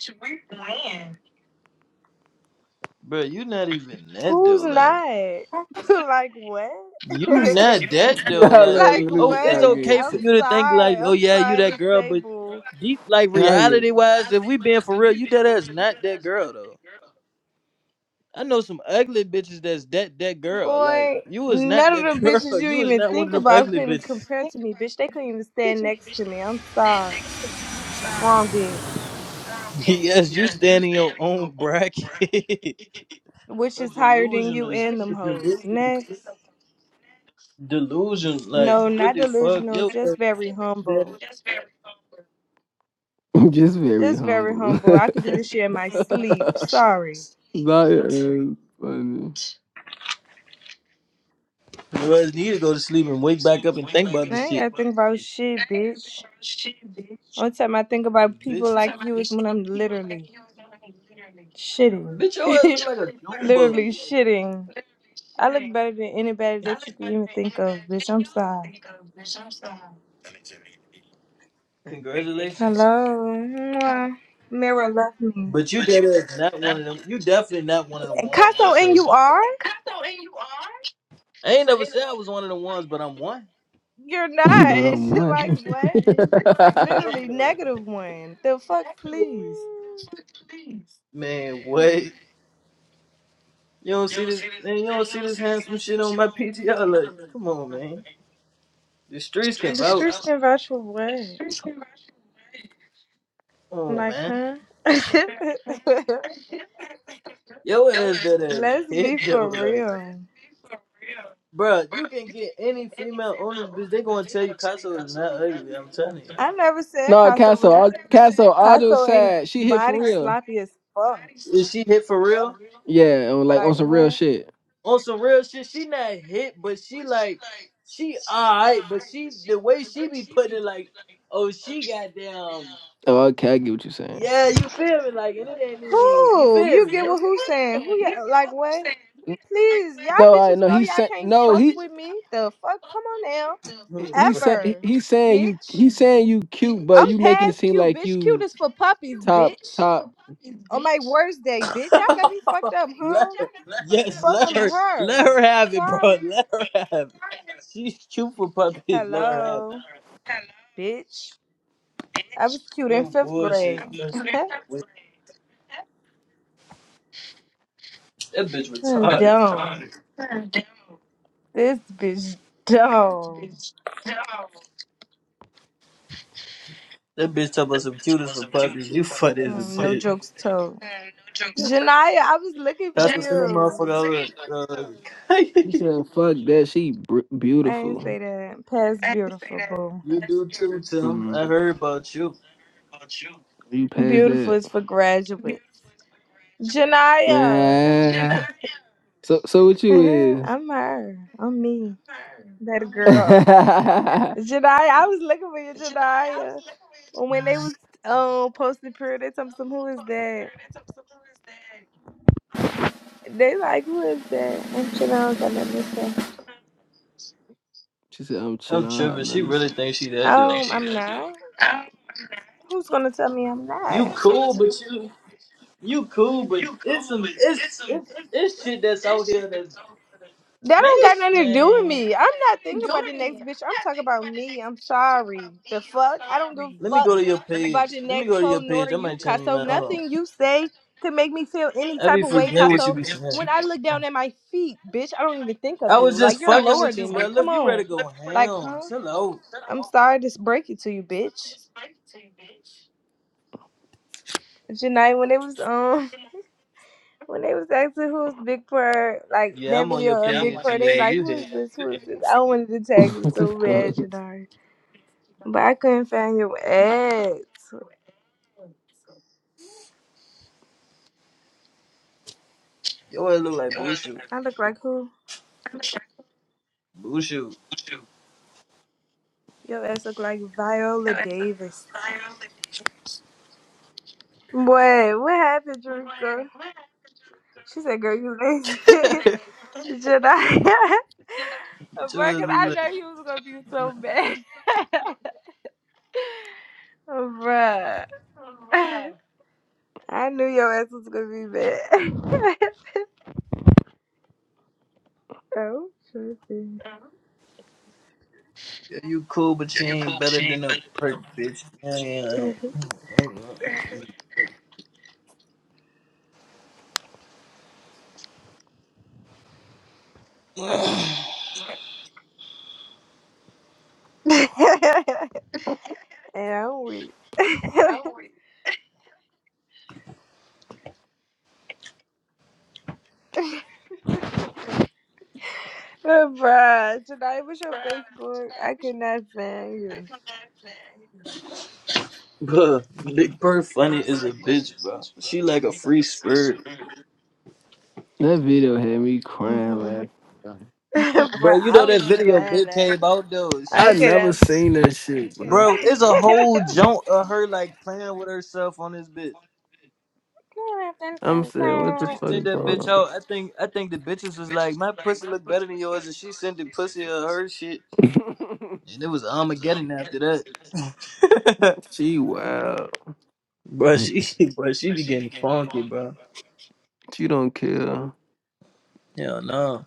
[SPEAKER 3] bro. You not even that
[SPEAKER 2] Who's
[SPEAKER 3] though. Like
[SPEAKER 2] not? like what?
[SPEAKER 3] you
[SPEAKER 2] like
[SPEAKER 3] not that though.
[SPEAKER 5] I
[SPEAKER 3] Like
[SPEAKER 5] love
[SPEAKER 3] oh,
[SPEAKER 5] this guy
[SPEAKER 3] it's
[SPEAKER 2] what?
[SPEAKER 5] again.
[SPEAKER 3] okay for
[SPEAKER 2] I'm
[SPEAKER 3] you to think
[SPEAKER 2] sorry.
[SPEAKER 3] like oh
[SPEAKER 2] I'm
[SPEAKER 3] yeah, you
[SPEAKER 2] sorry
[SPEAKER 3] that
[SPEAKER 2] to
[SPEAKER 3] girl,
[SPEAKER 2] say,
[SPEAKER 3] but
[SPEAKER 2] boo.
[SPEAKER 3] deep like
[SPEAKER 5] I
[SPEAKER 3] reality wise, if we being for real, you dead ass not that girl though. I know some ugly bitches that's that that girl. Like
[SPEAKER 2] Boy,
[SPEAKER 3] you is not
[SPEAKER 2] none of
[SPEAKER 3] that
[SPEAKER 2] them bitches
[SPEAKER 3] girl.
[SPEAKER 2] you
[SPEAKER 3] You is
[SPEAKER 2] even
[SPEAKER 3] not one
[SPEAKER 2] think
[SPEAKER 3] of them
[SPEAKER 2] about
[SPEAKER 3] ugly
[SPEAKER 2] couldn't
[SPEAKER 3] bitches.
[SPEAKER 2] compare to me, bitch. They couldn't even stand next to me. I'm sorry. Wrong bitch.
[SPEAKER 3] Yes, you stand in your own bracket.
[SPEAKER 2] Which
[SPEAKER 3] A
[SPEAKER 2] is higher than
[SPEAKER 3] delusion
[SPEAKER 2] you
[SPEAKER 3] is
[SPEAKER 2] and them
[SPEAKER 3] a
[SPEAKER 2] hoes.
[SPEAKER 3] delusion,
[SPEAKER 2] Next.
[SPEAKER 3] delusion, like
[SPEAKER 2] No,
[SPEAKER 3] what
[SPEAKER 2] not
[SPEAKER 3] the fuck,
[SPEAKER 2] delusional.
[SPEAKER 3] yo,
[SPEAKER 2] Just very humble.
[SPEAKER 5] am just very
[SPEAKER 2] Just very
[SPEAKER 5] humble.
[SPEAKER 2] humble. I could do this shit in my sleep. Sorry.
[SPEAKER 5] Zion is funny,
[SPEAKER 3] Your ass need to go to sleep and wake back up and think about
[SPEAKER 2] I
[SPEAKER 3] this
[SPEAKER 2] ain't
[SPEAKER 3] shit.
[SPEAKER 2] gotta think about shit, bitch. Only time I think
[SPEAKER 3] Cause
[SPEAKER 2] about people
[SPEAKER 3] bitch,
[SPEAKER 2] like you is when I'm literally shitting.
[SPEAKER 3] bitch, your ass look like a June bug.
[SPEAKER 2] literally shitting. I look better than anybody that you can even think of, bitch. I'm sorry.
[SPEAKER 3] Congratulations.
[SPEAKER 2] Hello. Mwah. Mirror left me.
[SPEAKER 3] But you dead ass not one of them. You definitely not one of the
[SPEAKER 2] And
[SPEAKER 3] ones though.
[SPEAKER 2] Casso, and
[SPEAKER 3] So
[SPEAKER 2] you are?
[SPEAKER 3] I ain't never said I was one of the ones, but I'm one.
[SPEAKER 2] You're
[SPEAKER 5] but
[SPEAKER 2] not.
[SPEAKER 5] I'm
[SPEAKER 2] like what?
[SPEAKER 3] I
[SPEAKER 5] one.
[SPEAKER 3] am,
[SPEAKER 2] Literally
[SPEAKER 3] though.
[SPEAKER 2] negative one. The fuck, please.
[SPEAKER 3] Man, what? You don't see this? Man, you don't see this handsome shit on my PTR? Like, come on, man. The streets can
[SPEAKER 2] The
[SPEAKER 3] vouch.
[SPEAKER 2] streets can vouch for what?
[SPEAKER 3] Oh
[SPEAKER 2] Like,
[SPEAKER 3] man,
[SPEAKER 2] huh?
[SPEAKER 3] your ass that ass
[SPEAKER 2] Let's be
[SPEAKER 3] hit though.
[SPEAKER 2] for
[SPEAKER 3] Like,
[SPEAKER 2] real.
[SPEAKER 3] bruh, you can get any female on this bitch. They gonna tell you Casso is not ugly. I'm telling you.
[SPEAKER 2] I never said
[SPEAKER 5] No,
[SPEAKER 2] Casso
[SPEAKER 5] Castle.
[SPEAKER 2] was
[SPEAKER 5] All,
[SPEAKER 2] ugly.
[SPEAKER 5] Castle. All jokes
[SPEAKER 2] Casso ain't
[SPEAKER 5] aside, she hit for
[SPEAKER 2] body
[SPEAKER 5] real.
[SPEAKER 2] sloppy as fuck.
[SPEAKER 3] Is she hit for real?
[SPEAKER 5] Yeah, on, like on
[SPEAKER 2] Like
[SPEAKER 5] some real
[SPEAKER 2] what?
[SPEAKER 5] shit.
[SPEAKER 3] On some real shit, she not hit, but she like she alright, but she the way she be putting it like, oh she got damn
[SPEAKER 5] Oh, okay, I get what you're saying.
[SPEAKER 3] yeah, you feel me? Like and it ain't even you
[SPEAKER 2] Who?
[SPEAKER 3] feel
[SPEAKER 2] You
[SPEAKER 3] me?
[SPEAKER 2] get
[SPEAKER 3] No
[SPEAKER 2] what who's saying? Who? Ya, like what? Please, y'all
[SPEAKER 5] No, I
[SPEAKER 2] bitches
[SPEAKER 5] no.
[SPEAKER 2] know
[SPEAKER 5] He
[SPEAKER 2] y'all
[SPEAKER 5] said
[SPEAKER 2] can't
[SPEAKER 5] no.
[SPEAKER 2] fuck
[SPEAKER 5] He
[SPEAKER 2] with me. The fuck? Come on now.
[SPEAKER 5] he said he,
[SPEAKER 2] Ever,
[SPEAKER 5] he saying you.
[SPEAKER 2] bitch.
[SPEAKER 5] He saying you cute, but
[SPEAKER 2] I'm
[SPEAKER 5] you making it
[SPEAKER 2] past
[SPEAKER 5] seem
[SPEAKER 2] cute,
[SPEAKER 5] like
[SPEAKER 2] bitch. Cute
[SPEAKER 5] you
[SPEAKER 2] is for puppies,
[SPEAKER 5] top
[SPEAKER 2] bitch.
[SPEAKER 5] top.
[SPEAKER 2] On my
[SPEAKER 5] He
[SPEAKER 2] worst day, bitch. Y'all got me fucked up,
[SPEAKER 3] let
[SPEAKER 2] huh?
[SPEAKER 3] her, yes,
[SPEAKER 2] Fuck,
[SPEAKER 3] let
[SPEAKER 2] I'm
[SPEAKER 3] her let
[SPEAKER 2] her.
[SPEAKER 3] her have it, bro.
[SPEAKER 2] Sorry.
[SPEAKER 3] Let her have it. She's cute for puppies, let her have it.
[SPEAKER 2] Hello, bitch. I was cute in
[SPEAKER 3] No
[SPEAKER 2] fifth grade.
[SPEAKER 3] bullshit. You know that bitch
[SPEAKER 2] Hmm,
[SPEAKER 3] retarded.
[SPEAKER 2] dumb. This bitch dumb.
[SPEAKER 3] That bitch talking about some cutest for puppies. You funny as a
[SPEAKER 2] Hmm, no
[SPEAKER 3] bitch.
[SPEAKER 2] jokes told. Janaya, I was looking for
[SPEAKER 3] Pastor, send that motherfucker
[SPEAKER 2] you.
[SPEAKER 3] over. Uh,
[SPEAKER 5] said, "Fuck that. She br-
[SPEAKER 2] I ain't
[SPEAKER 5] beautiful."
[SPEAKER 2] say that. Past beautiful, boo.
[SPEAKER 3] you do too, Tim. I
[SPEAKER 5] Mhm.
[SPEAKER 3] heard about you.
[SPEAKER 5] You passed
[SPEAKER 2] Beautiful
[SPEAKER 5] that.
[SPEAKER 2] is for graduates. Janaya.
[SPEAKER 5] Man. So so what you
[SPEAKER 2] Uh-huh,
[SPEAKER 5] is?
[SPEAKER 2] I'm her. I'm me. That girl. Jedi, I was looking for you, Jedi. When when they was uh, posting prayer, they told me some who is that? They like, who is that? I'm chilling, I don't got nothing to say.
[SPEAKER 5] she said I'm
[SPEAKER 3] I'm
[SPEAKER 5] chilling. I don't have
[SPEAKER 3] tripping. She
[SPEAKER 5] nothing.
[SPEAKER 3] really
[SPEAKER 5] to
[SPEAKER 3] thinks she
[SPEAKER 5] say."
[SPEAKER 3] that dumb.
[SPEAKER 2] Um, I'm not. Who's gonna tell me I'm
[SPEAKER 3] You
[SPEAKER 2] not?
[SPEAKER 3] cool, but you you cool, but it's some it's it's it's shit that's out here that
[SPEAKER 2] That
[SPEAKER 3] man
[SPEAKER 2] don't got
[SPEAKER 3] it's,
[SPEAKER 2] nothing to do with
[SPEAKER 3] man.
[SPEAKER 2] me. I'm not thinking about the next bitch. I'm talking about me. I'm sorry. The fuck? I don't give a
[SPEAKER 3] Let me go to
[SPEAKER 2] fuck
[SPEAKER 3] your
[SPEAKER 2] about
[SPEAKER 3] page.
[SPEAKER 2] the
[SPEAKER 3] Let me
[SPEAKER 2] next
[SPEAKER 3] go to
[SPEAKER 2] hoe
[SPEAKER 3] your
[SPEAKER 2] nor
[SPEAKER 3] page. I
[SPEAKER 2] you,
[SPEAKER 3] might turn
[SPEAKER 2] Casso.
[SPEAKER 3] man. Hold on.
[SPEAKER 2] Nothing you say could make me feel any
[SPEAKER 3] I
[SPEAKER 2] type
[SPEAKER 3] be
[SPEAKER 2] of way,
[SPEAKER 3] forgetting what you
[SPEAKER 2] Casso.
[SPEAKER 3] be saying.
[SPEAKER 2] When I look down at my feet, bitch, I don't even think of
[SPEAKER 3] I
[SPEAKER 2] you.
[SPEAKER 3] was just
[SPEAKER 2] Like you're
[SPEAKER 3] fucking
[SPEAKER 2] lower
[SPEAKER 3] with you,
[SPEAKER 2] than
[SPEAKER 3] bro.
[SPEAKER 2] me. Come
[SPEAKER 3] Look, you ready
[SPEAKER 2] on.
[SPEAKER 3] to go
[SPEAKER 2] Like,
[SPEAKER 3] ham?
[SPEAKER 2] huh?
[SPEAKER 3] Chill out.
[SPEAKER 2] I'm sorry to break it to you, bitch. Janai, when it was um when they was asking who's Big Purr, like
[SPEAKER 3] Yeah,
[SPEAKER 2] that
[SPEAKER 3] I'm on your
[SPEAKER 2] video of Big
[SPEAKER 3] page.
[SPEAKER 2] Purr, they was
[SPEAKER 3] Yeah,
[SPEAKER 2] like,
[SPEAKER 3] you
[SPEAKER 2] Who is
[SPEAKER 3] hit.
[SPEAKER 2] this? Who is this? I wanted to tag it
[SPEAKER 5] what the
[SPEAKER 2] so
[SPEAKER 5] fuck?
[SPEAKER 2] bad, Janai. But I couldn't find your ass.
[SPEAKER 3] Your ass look like Bushu.
[SPEAKER 2] I look like who?
[SPEAKER 3] Bushu.
[SPEAKER 2] Your ass look like Viola Davis. Boy, what happened, Drinker? She said, girl, you lazy. Jedi.
[SPEAKER 3] What
[SPEAKER 2] Bruh,
[SPEAKER 3] your ass
[SPEAKER 2] cause I
[SPEAKER 3] look like?
[SPEAKER 2] know he was gonna be so mad. Bruh. I knew your ass was gonna be mad. oh, tripping.
[SPEAKER 3] Yeah, you cool, but she ain't better than a perk, bitch. Yeah, yeah.
[SPEAKER 2] and I'm weak. Oh, Bruh, tonight was your Facebook. I could not find you.
[SPEAKER 3] Bruh, Big Perk funny is a bitch, bro. She like a free spirit.
[SPEAKER 5] That video had me crying laughing.
[SPEAKER 3] Bro,
[SPEAKER 2] Bruh,
[SPEAKER 3] you
[SPEAKER 2] I
[SPEAKER 3] know
[SPEAKER 2] was
[SPEAKER 3] that video
[SPEAKER 2] dying
[SPEAKER 3] Big came
[SPEAKER 2] laughing.
[SPEAKER 3] out though.
[SPEAKER 2] I
[SPEAKER 5] I
[SPEAKER 3] She,
[SPEAKER 2] could
[SPEAKER 5] never
[SPEAKER 2] not
[SPEAKER 5] seen that shit, bro.
[SPEAKER 3] bro, it's a whole junk of her like playing with herself on this bitch.
[SPEAKER 5] I'm saying, what the
[SPEAKER 3] She
[SPEAKER 2] find
[SPEAKER 5] fuck
[SPEAKER 3] sent
[SPEAKER 5] is
[SPEAKER 3] that
[SPEAKER 5] going
[SPEAKER 3] bitch
[SPEAKER 5] on?
[SPEAKER 3] out. I think I think the bitches was like, my pussy look better than yours, and she sent the pussy of her shit, and it was Armageddon after that.
[SPEAKER 5] she wow.
[SPEAKER 3] bro, she, bro, she be getting funky, bro.
[SPEAKER 5] She don't care.
[SPEAKER 3] Hell no.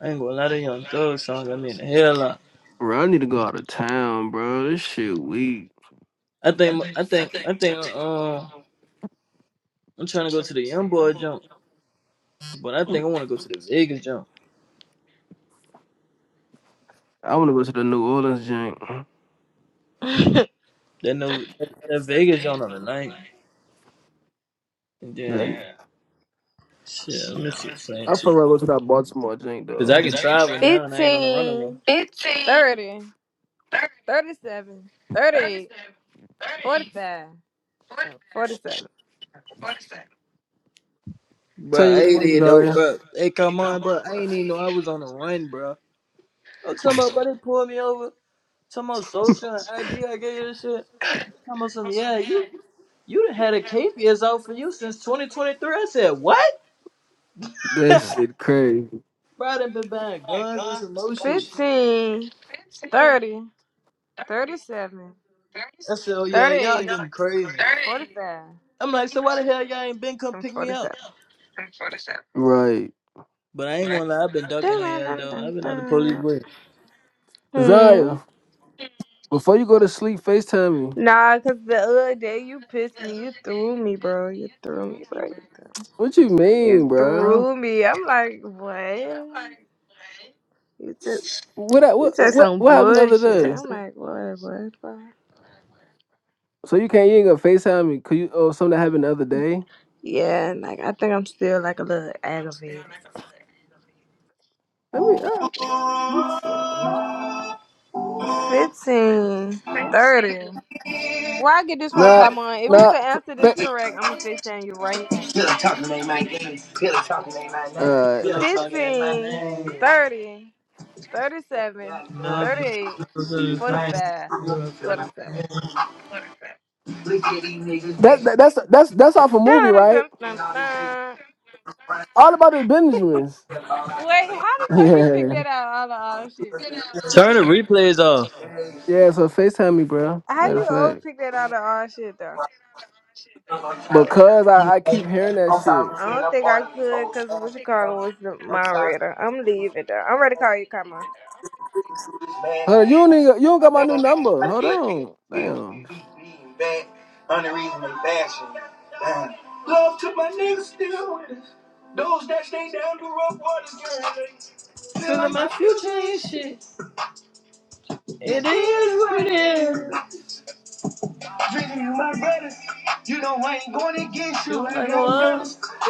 [SPEAKER 3] I ain't gonna lie, that Young Thug song got me in the hell lot.
[SPEAKER 5] Bro, I need to go out of town, bro. This shit weak.
[SPEAKER 3] I think, I think, I think, um, I'm trying to go to the Young Boy jump, but I think I want to go to the Vegas jump.
[SPEAKER 5] I want to go to the New Orleans jank.
[SPEAKER 2] you, bruh.
[SPEAKER 3] That no, that, that Vegas jump on the night. And
[SPEAKER 5] Like,
[SPEAKER 3] then, shit, let me see playing
[SPEAKER 5] I
[SPEAKER 3] too.
[SPEAKER 5] feel like I go to that Baltimore jank
[SPEAKER 3] Cause
[SPEAKER 5] though.
[SPEAKER 3] I can travel now and I ain't on the run no
[SPEAKER 2] 15,
[SPEAKER 3] more.
[SPEAKER 2] thirty, thirty-seven, thirty-eight, forty-five, and 47.
[SPEAKER 3] Bro,
[SPEAKER 5] Tell you
[SPEAKER 3] I
[SPEAKER 5] what it
[SPEAKER 3] ain't
[SPEAKER 5] was,
[SPEAKER 3] it though,
[SPEAKER 5] Zaya.
[SPEAKER 3] bro. Hey, come on, bro. I ain't even know I was on the run, bro. I'm talking about, bro, they pulled me over. Talking about social and ID I gave you this shit. Talking about some, yeah, you You done had a KPS out for you since 2023. I said, what?
[SPEAKER 5] That
[SPEAKER 3] Bro,
[SPEAKER 5] shit crazy.
[SPEAKER 3] I done been buying guns and some more shit.
[SPEAKER 2] 15, thirty, thirty-seven,
[SPEAKER 3] I said, oh yeah, y'all
[SPEAKER 2] thirty-eight,
[SPEAKER 3] getting crazy.
[SPEAKER 2] forty-five,
[SPEAKER 3] I'm like, so why the hell y'all ain't been come
[SPEAKER 2] and
[SPEAKER 3] pick me up?
[SPEAKER 2] 47.
[SPEAKER 5] Right.
[SPEAKER 3] But I ain't gonna lie, I've been ducking
[SPEAKER 2] Dun,
[SPEAKER 3] the
[SPEAKER 2] dun,
[SPEAKER 3] hell
[SPEAKER 2] dun,
[SPEAKER 3] though.
[SPEAKER 2] dun,
[SPEAKER 3] I've been out the police
[SPEAKER 2] dun.
[SPEAKER 3] way.
[SPEAKER 2] Hmm.
[SPEAKER 5] Zaya, before you go to sleep, FaceTime me.
[SPEAKER 2] Nah, cause the other day you pissed me. You threw me, bro. You threw me, bro.
[SPEAKER 5] What you
[SPEAKER 2] You
[SPEAKER 5] mean, bro?
[SPEAKER 2] threw me. I'm like, what? You just,
[SPEAKER 5] What I-
[SPEAKER 2] you
[SPEAKER 5] what
[SPEAKER 2] said
[SPEAKER 5] what
[SPEAKER 2] some
[SPEAKER 5] what happened the other
[SPEAKER 2] bullshit.
[SPEAKER 5] day?
[SPEAKER 2] I'm like, what, what, bro?
[SPEAKER 5] So you can't you ain't gonna FaceTime me? Could you oh something that happened the other day?
[SPEAKER 2] Yeah, and, like I think I'm still like a little aggravated.
[SPEAKER 5] Let me. Oh,
[SPEAKER 2] 15, 30. Where I get this from,
[SPEAKER 5] No,
[SPEAKER 2] Kamon? If you
[SPEAKER 5] no.
[SPEAKER 2] could
[SPEAKER 5] f-
[SPEAKER 2] answer this
[SPEAKER 5] fa-
[SPEAKER 2] correct, I'm gonna 15 you right now.
[SPEAKER 3] Still talking ain't my game. Still talking ain't my name.
[SPEAKER 5] Uh,
[SPEAKER 3] Still talking ain't my
[SPEAKER 2] 15,
[SPEAKER 3] name.
[SPEAKER 2] 30, 37,
[SPEAKER 3] love you.
[SPEAKER 2] 38,
[SPEAKER 3] Those
[SPEAKER 2] 45,
[SPEAKER 3] you have
[SPEAKER 2] forty-seven.
[SPEAKER 3] Look at these niggas
[SPEAKER 5] that,
[SPEAKER 3] back
[SPEAKER 5] that that's that's that's off a movie,
[SPEAKER 2] Dun,
[SPEAKER 5] right?
[SPEAKER 2] dun, dun,
[SPEAKER 3] and all this shit.
[SPEAKER 2] dun.
[SPEAKER 5] All about the Benjamins.
[SPEAKER 2] Wait, how the fuck you pick
[SPEAKER 5] Yeah,
[SPEAKER 2] that out of all the all shit?
[SPEAKER 3] Turn the replays off.
[SPEAKER 5] yeah. So Facetime me, bro.
[SPEAKER 2] How
[SPEAKER 5] Matter
[SPEAKER 3] You
[SPEAKER 5] of
[SPEAKER 2] you
[SPEAKER 5] fact,
[SPEAKER 2] old pick that out of all shit though?
[SPEAKER 5] because I, I
[SPEAKER 3] hate.
[SPEAKER 5] keep
[SPEAKER 3] it.
[SPEAKER 5] hearing that
[SPEAKER 3] I'm sorry
[SPEAKER 5] shit.
[SPEAKER 3] for
[SPEAKER 2] I
[SPEAKER 3] being
[SPEAKER 2] don't
[SPEAKER 3] up
[SPEAKER 2] think
[SPEAKER 3] all
[SPEAKER 2] I
[SPEAKER 3] of these
[SPEAKER 2] could
[SPEAKER 3] old
[SPEAKER 2] because what
[SPEAKER 3] songs.
[SPEAKER 2] you
[SPEAKER 3] I'm
[SPEAKER 2] calling was the
[SPEAKER 3] sorry
[SPEAKER 2] moderator. I'm
[SPEAKER 3] for you
[SPEAKER 2] leaving though. I'm ready to
[SPEAKER 3] fans.
[SPEAKER 2] call you, Kama.
[SPEAKER 3] You this
[SPEAKER 5] Hold on,
[SPEAKER 3] madness.
[SPEAKER 5] you don't even, you don't got my new
[SPEAKER 3] And
[SPEAKER 5] number.
[SPEAKER 3] I
[SPEAKER 5] Hold
[SPEAKER 3] did
[SPEAKER 5] on,
[SPEAKER 3] feel
[SPEAKER 5] damn.
[SPEAKER 3] be being bad, unreasonable fashion. Damn. Love to my niggas still with us. Those that stay down the rough waters, girl. Feeling my future and shit. It is what it is. Treating you my brothers. You know I ain't going against you. You ain't I know gonna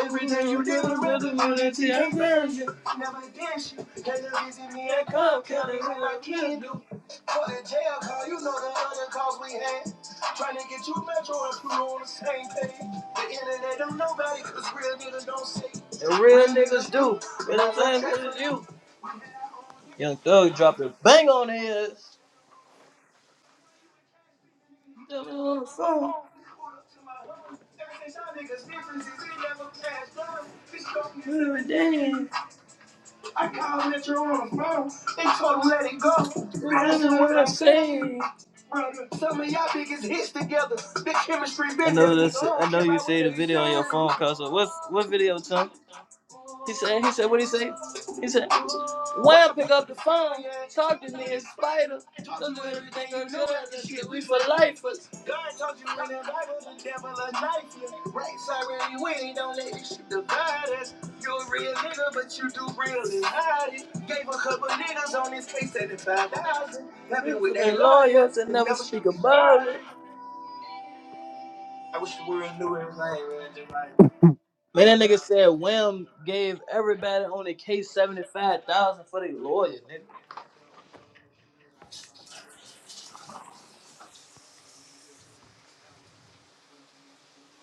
[SPEAKER 3] Every day you did a rhythm, unity and version. Never against you. That's the reason me I come, killing what I can do. For the jail call, you know the other calls we had. Trying to get you metro and crew on the same page. The internet don't nobody, cause real niggas don't say. And real niggas do. Real niggas do. You. Young Thug dropped a bang on his. So, I called Metro on the phone. They told him let it go. Listen what I said. Some of y'all niggas hits together. The chemistry business. I know this. I know you say the video on your phone, Cause What what video, Tom? He said. He said. What he say? He said. What? Taught you everything I know after shit. We for lifers. God taught you in that Bible, the devil a knife you. Right side round your winning, don't let this shit divide us. You a real nigga, but you do real and hide it. Gave a couple niggas on this case 75,000. Happy with their lawyers and never speak about it. I wish the world knew everything, man. Just like. Man, that nigga said Wham gave everybody on the case seventy five thousand for their lawyer, nigga.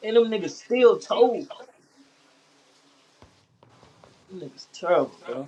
[SPEAKER 3] And them niggas still told. Them niggas terrible, bro.